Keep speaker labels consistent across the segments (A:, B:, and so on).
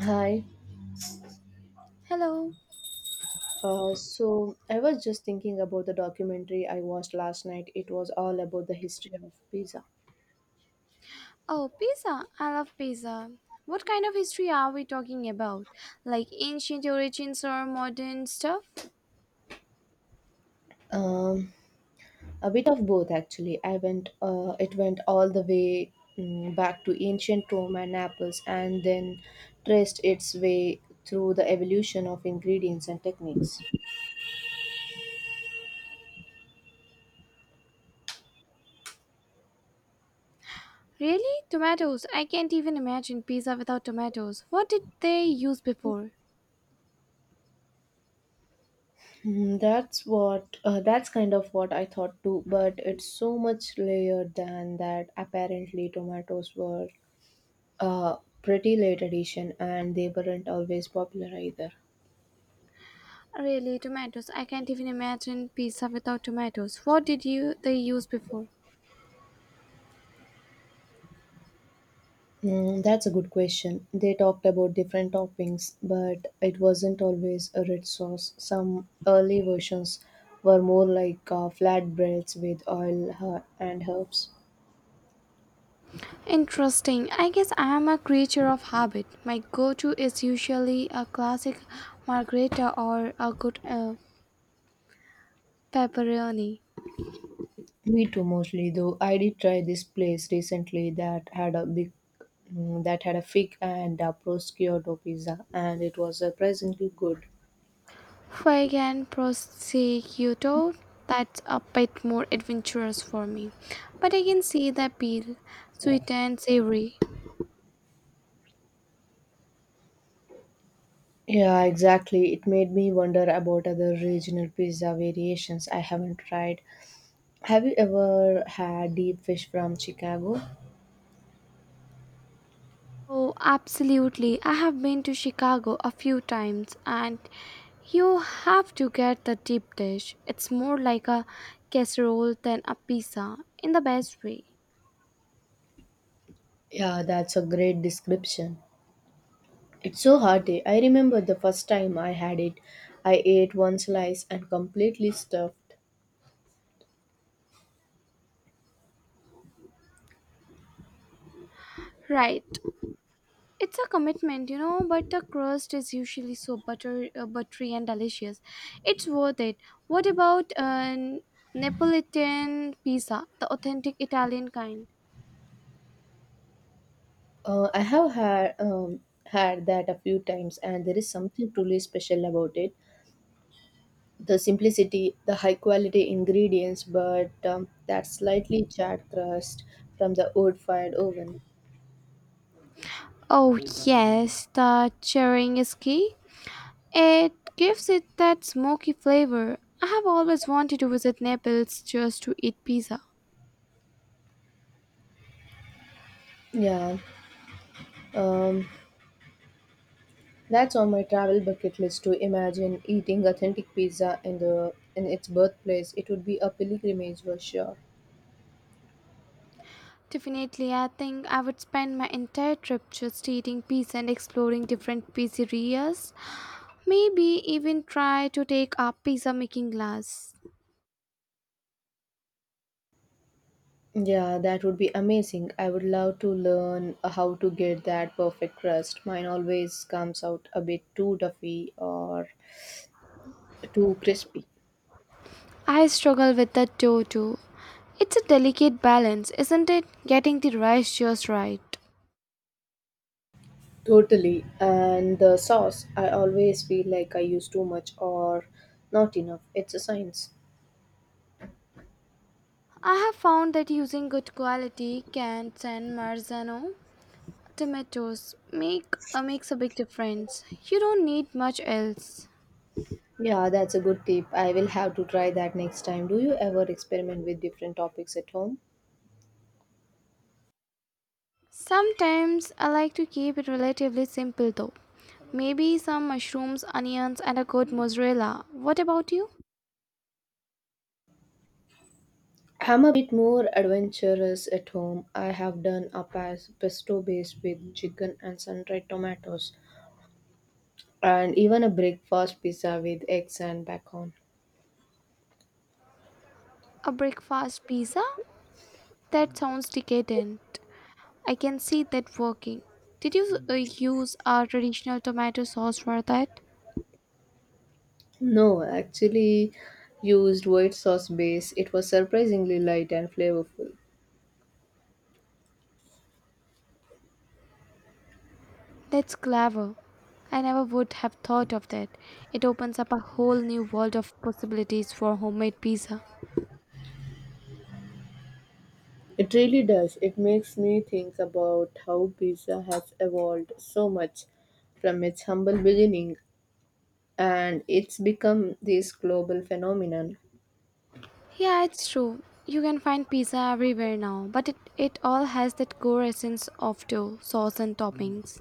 A: Hi.
B: Hello.
A: So I was just thinking about the documentary I watched last night. It was all about the history of pizza.
B: Oh, pizza. I love pizza. What kind of history are we talking about? Like ancient origins or modern stuff?
A: Um, a bit of both actually. I went. It went all the way back to ancient Rome and Naples, and then traced its way through the evolution of ingredients and techniques.
B: Really? Tomatoes. I can't even imagine pizza without tomatoes. What did they use before?
A: That's kind of what I thought too, but it's so much layered than that. Apparently, tomatoes were a pretty late edition, and they weren't always popular either.
B: Really, tomatoes. I can't even imagine pizza without tomatoes. What did you they use before?
A: That's a good question. They talked about different toppings, but it wasn't always a red sauce. Some early versions were more like flatbreads with oil and herbs.
B: Interesting. I guess I am a creature of habit. My go-to is usually a classic margherita or a good pepperoni.
A: Me too, mostly though. I did try this place recently that had a fig and a prosciutto pizza, and it was surprisingly good.
B: Fuegian Prosciutto, that's a bit more adventurous for me. But I can see the appeal, sweet and savory.
A: Yeah, exactly. It made me wonder about other regional pizza variations I haven't tried. Have you ever had deep fish from Chicago?
B: Oh, absolutely. I have been to Chicago a few times and you have to get the deep dish. It's more like a casserole than a pizza in the best way.
A: Yeah, that's a great description. It's so hearty. I remember the first time I had it. I ate one slice and completely stuffed.
B: Right. It's a commitment, you know, but the crust is usually so buttery and delicious. It's worth it. What about Neapolitan pizza, the authentic Italian kind?
A: I have had that a few times, and there is something truly special about it. The simplicity, the high quality ingredients, but that slightly charred crust from the wood fired oven.
B: Oh, yes, the cheering is key. It gives it that smoky flavor. I have always wanted to visit Naples just to eat pizza.
A: Yeah, um, that's on my travel bucket list to imagine eating authentic pizza in the in its birthplace. It would be a pilgrimage for sure.
B: Definitely, I think I would spend my entire trip just eating pizza and exploring different pizzerias. Maybe even try to take up pizza making class.
A: Yeah, that would be amazing. I would love to learn how to get that perfect crust. Mine always comes out a bit too duffy or too crispy.
B: I struggle with that too. It's a delicate balance, isn't it? Getting the ratios right.
A: Totally. And the sauce, I always feel like I use too much or not enough. It's a science.
B: I have found that using good quality canned and Marzano tomatoes makes a big difference. You don't need much else.
A: Yeah, that's a good tip. I will have to try that next time. Do you ever experiment with different topics at home?
B: Sometimes I like to keep it relatively simple though. Maybe some mushrooms, onions, and a good mozzarella. What about you?
A: I'm a bit more adventurous at home. I have done a pesto base with chicken and sun-dried tomatoes, and even a breakfast pizza with eggs and bacon.
B: A breakfast pizza? That sounds decadent. I can see that working. Did you use our traditional tomato sauce for that?
A: No, I actually used white sauce base. It was surprisingly light and flavorful.
B: That's clever. I never would have thought of that. It opens up a whole new world of possibilities for homemade pizza.
A: It really does. It makes me think about how pizza has evolved so much from its humble beginning, and it's become this global phenomenon.
B: Yeah, it's true. You can find pizza everywhere now, but it all has that core essence of dough, sauce, and toppings.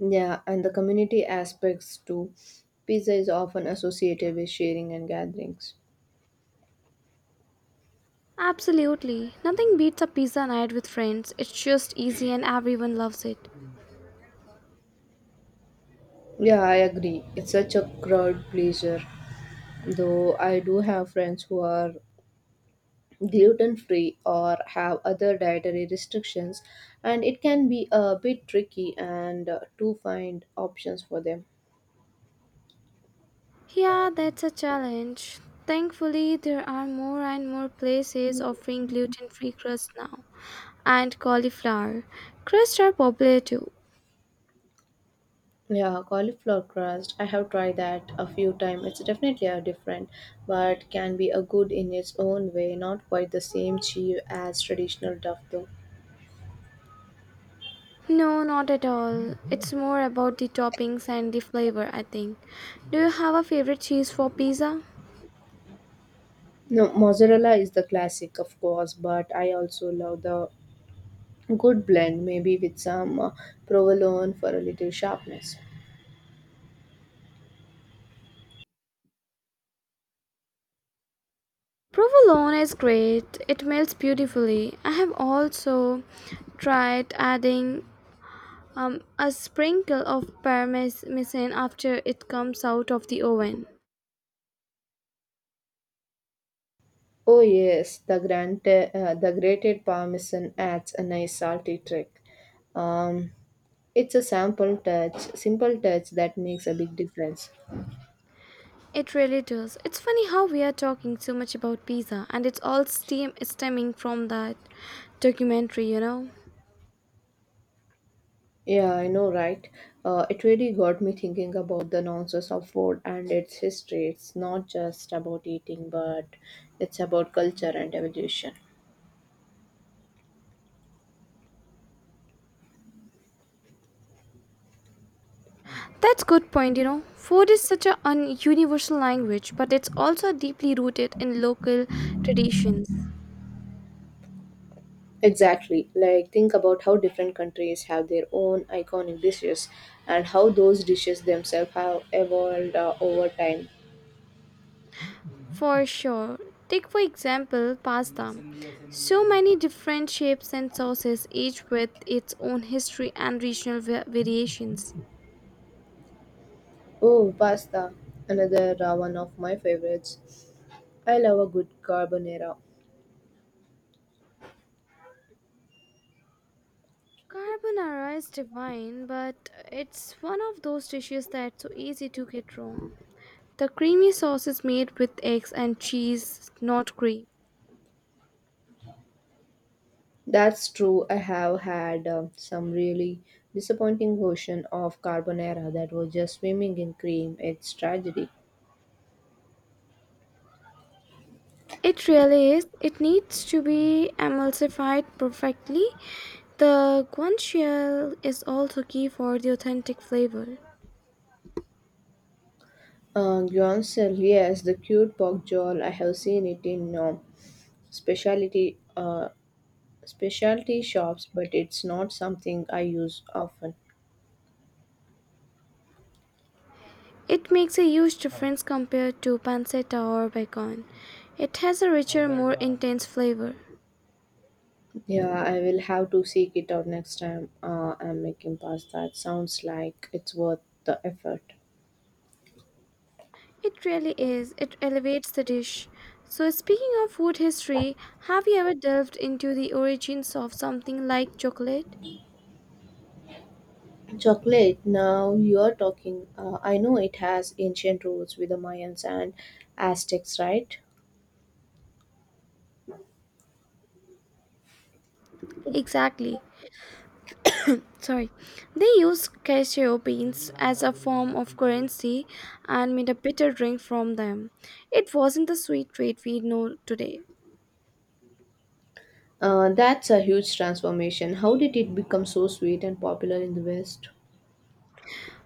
A: Yeah, and the community aspects too. Pizza is often associated with sharing and gatherings.
B: Absolutely. Nothing beats a pizza night with friends. It's just easy and everyone loves it.
A: Yeah, I agree. It's such a crowd pleaser. Though I do have friends who are gluten free or have other dietary restrictions, and it can be a bit tricky and to find options for them.
B: Yeah, that's a challenge. Thankfully, there are more and more places offering gluten free crust now, and cauliflower. Crusts are popular too.
A: Yeah, cauliflower crust, I have tried that a few times. It's definitely a different, but can be a good in its own way. Not quite the same cheese as traditional duff though.
B: No, not at all. It's more about the toppings and the flavor, I think. Do you have a favorite cheese for pizza?
A: No, mozzarella is the classic of course, but I also love the good blend, maybe with some provolone for a little sharpness.
B: Provolone is great, it melts beautifully. I have also tried adding a sprinkle of parmesan after it comes out of the oven.
A: Oh yes, the grand the grated parmesan adds a nice salty trick. Um, it's a simple touch that makes a big difference.
B: It really does. It's funny how we are talking so much about pizza and it's all stemming from that documentary, you know.
A: Yeah, I know, right? It really got me thinking about the nonsense of food and its history. It's not just about eating, but it's about culture and evolution.
B: That's good point, you know. Food is such a universal language, but it's also deeply rooted in local traditions.
A: Exactly. Like, think about how different countries have their own iconic dishes, and how those dishes themselves have evolved over time.
B: For sure. Take for example pasta. So many different shapes and sauces, each with its own history and regional variations.
A: Oh, pasta, another one of my favorites. I love a good carbonara.
B: Carbonara is divine, but it's one of those dishes that's so easy to get wrong. The creamy sauce is made with eggs and cheese, not cream.
A: That's true. I have had some really disappointing version of carbonara that was just swimming in cream. It's tragedy.
B: It really is. It needs to be emulsified perfectly. The guanciale is also key for the authentic flavor.
A: Guancel, yes, the cute pork jowl. I have seen it in specialty uh, specialty shops, but it's not something I use often.
B: It makes a huge difference compared to pancetta or bacon. It has a richer, more intense flavor.
A: Yeah, I will have to seek it out next time I'm making pasta. It sounds like it's worth the effort.
B: It really is. It elevates the dish. So, speaking of food history, have you ever delved into the origins of something like chocolate?
A: Chocolate, now you're talking. I know it has ancient roots with the Mayans and Aztecs, right?
B: Exactly. Sorry. They used cashew beans as a form of currency and made a bitter drink from them. It wasn't the sweet treat we know today.
A: That's a huge transformation. How did it become so sweet and popular in the West?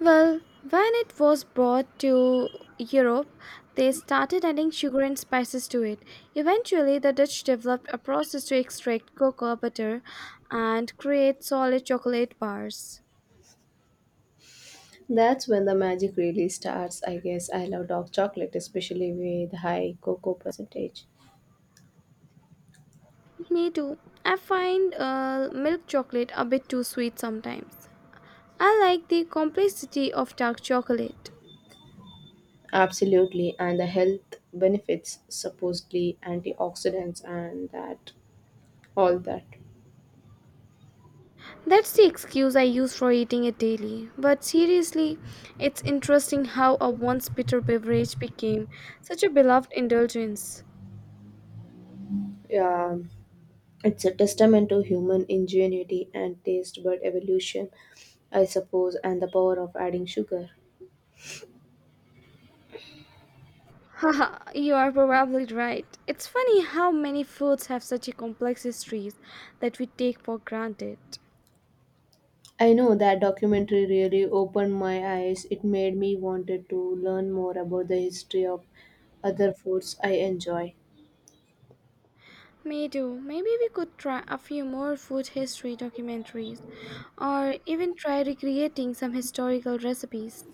B: Well, when it was brought to Europe, they started adding sugar and spices to it. Eventually, the Dutch developed a process to extract cocoa butter and create solid chocolate bars.
A: That's when the magic really starts, I guess. I love dark chocolate, especially with high cocoa percentage.
B: Me too. I find milk chocolate a bit too sweet sometimes. I like the complexity of dark chocolate.
A: Absolutely, and the health benefits, supposedly antioxidants and that all that.
B: That's the excuse I use for eating it daily. But seriously, it's interesting how a once bitter beverage became such a beloved indulgence.
A: Yeah, it's a testament to human ingenuity and taste bud evolution, I suppose, and the power of adding sugar.
B: Haha, you are probably right. It's funny how many foods have such a complex histories that we take for granted.
A: I know that documentary really opened my eyes. It made me wanted to learn more about the history of other foods I enjoy.
B: Me too. Maybe we could try a few more food history documentaries or even try recreating some historical recipes.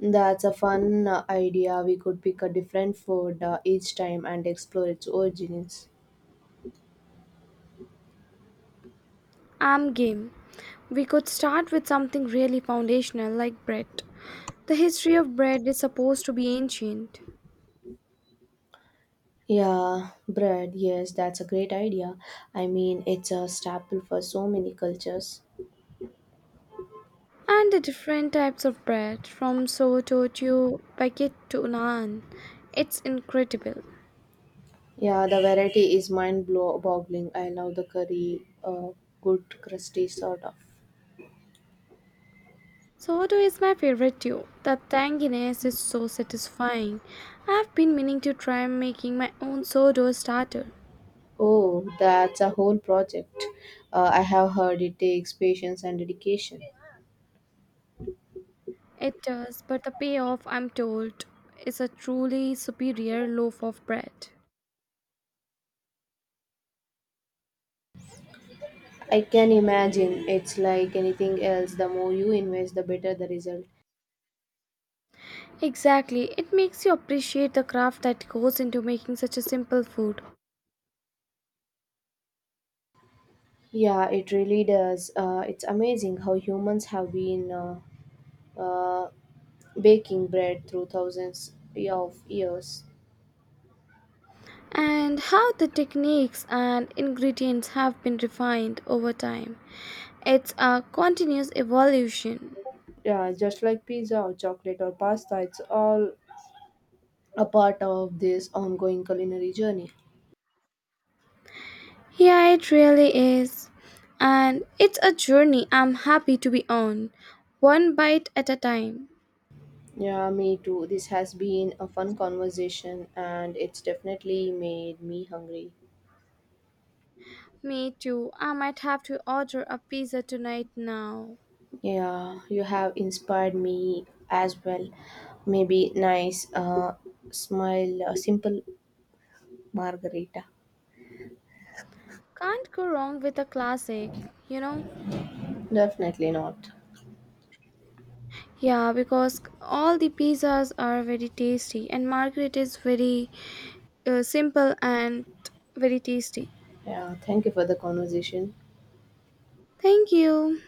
A: That's a fun idea. We could pick a different food each time and explore its origins.
B: I'm game. We could start with something really foundational like bread. The history of bread is supposed to be ancient,
A: Yeah, bread. Yes, that's a great idea. I mean, it's a staple for so many cultures.
B: and the different types of bread, from sourdough to baguette to naan, it's incredible.
A: Yeah, the variety is mind blow boggling. I love the curry, good crusty sort of.
B: Sourdough is my favorite too. The tanginess is so satisfying. I've been meaning to try making my own sourdough starter.
A: Oh, that's a whole project. I have heard it takes patience and dedication.
B: It does, but the payoff, I'm told, is a truly superior loaf of bread.
A: I can imagine it's like anything else. The more you invest, the better the result.
B: Exactly, it makes you appreciate the craft that goes into making such a simple food.
A: Yeah, it really does. It's amazing how humans have been uh, baking bread through thousands of years.
B: And how the techniques and ingredients have been refined over time. It's a continuous evolution.
A: Yeah, just like pizza or chocolate or pasta, it's all a part of this ongoing culinary journey.
B: Yeah, it really is. And it's a journey I'm happy to be on, one bite at a time.
A: Yeah, me too. This has been a fun conversation, and it's definitely made me hungry.
B: Me too. I might have to order a pizza tonight now.
A: Yeah, you have inspired me as well. Maybe simple margarita.
B: Can't go wrong with a classic, you know?
A: Definitely not.
B: Yeah, because all the pizzas are very tasty, and Margaret is very simple and very tasty.
A: Yeah, thank you for the conversation.
B: Thank you.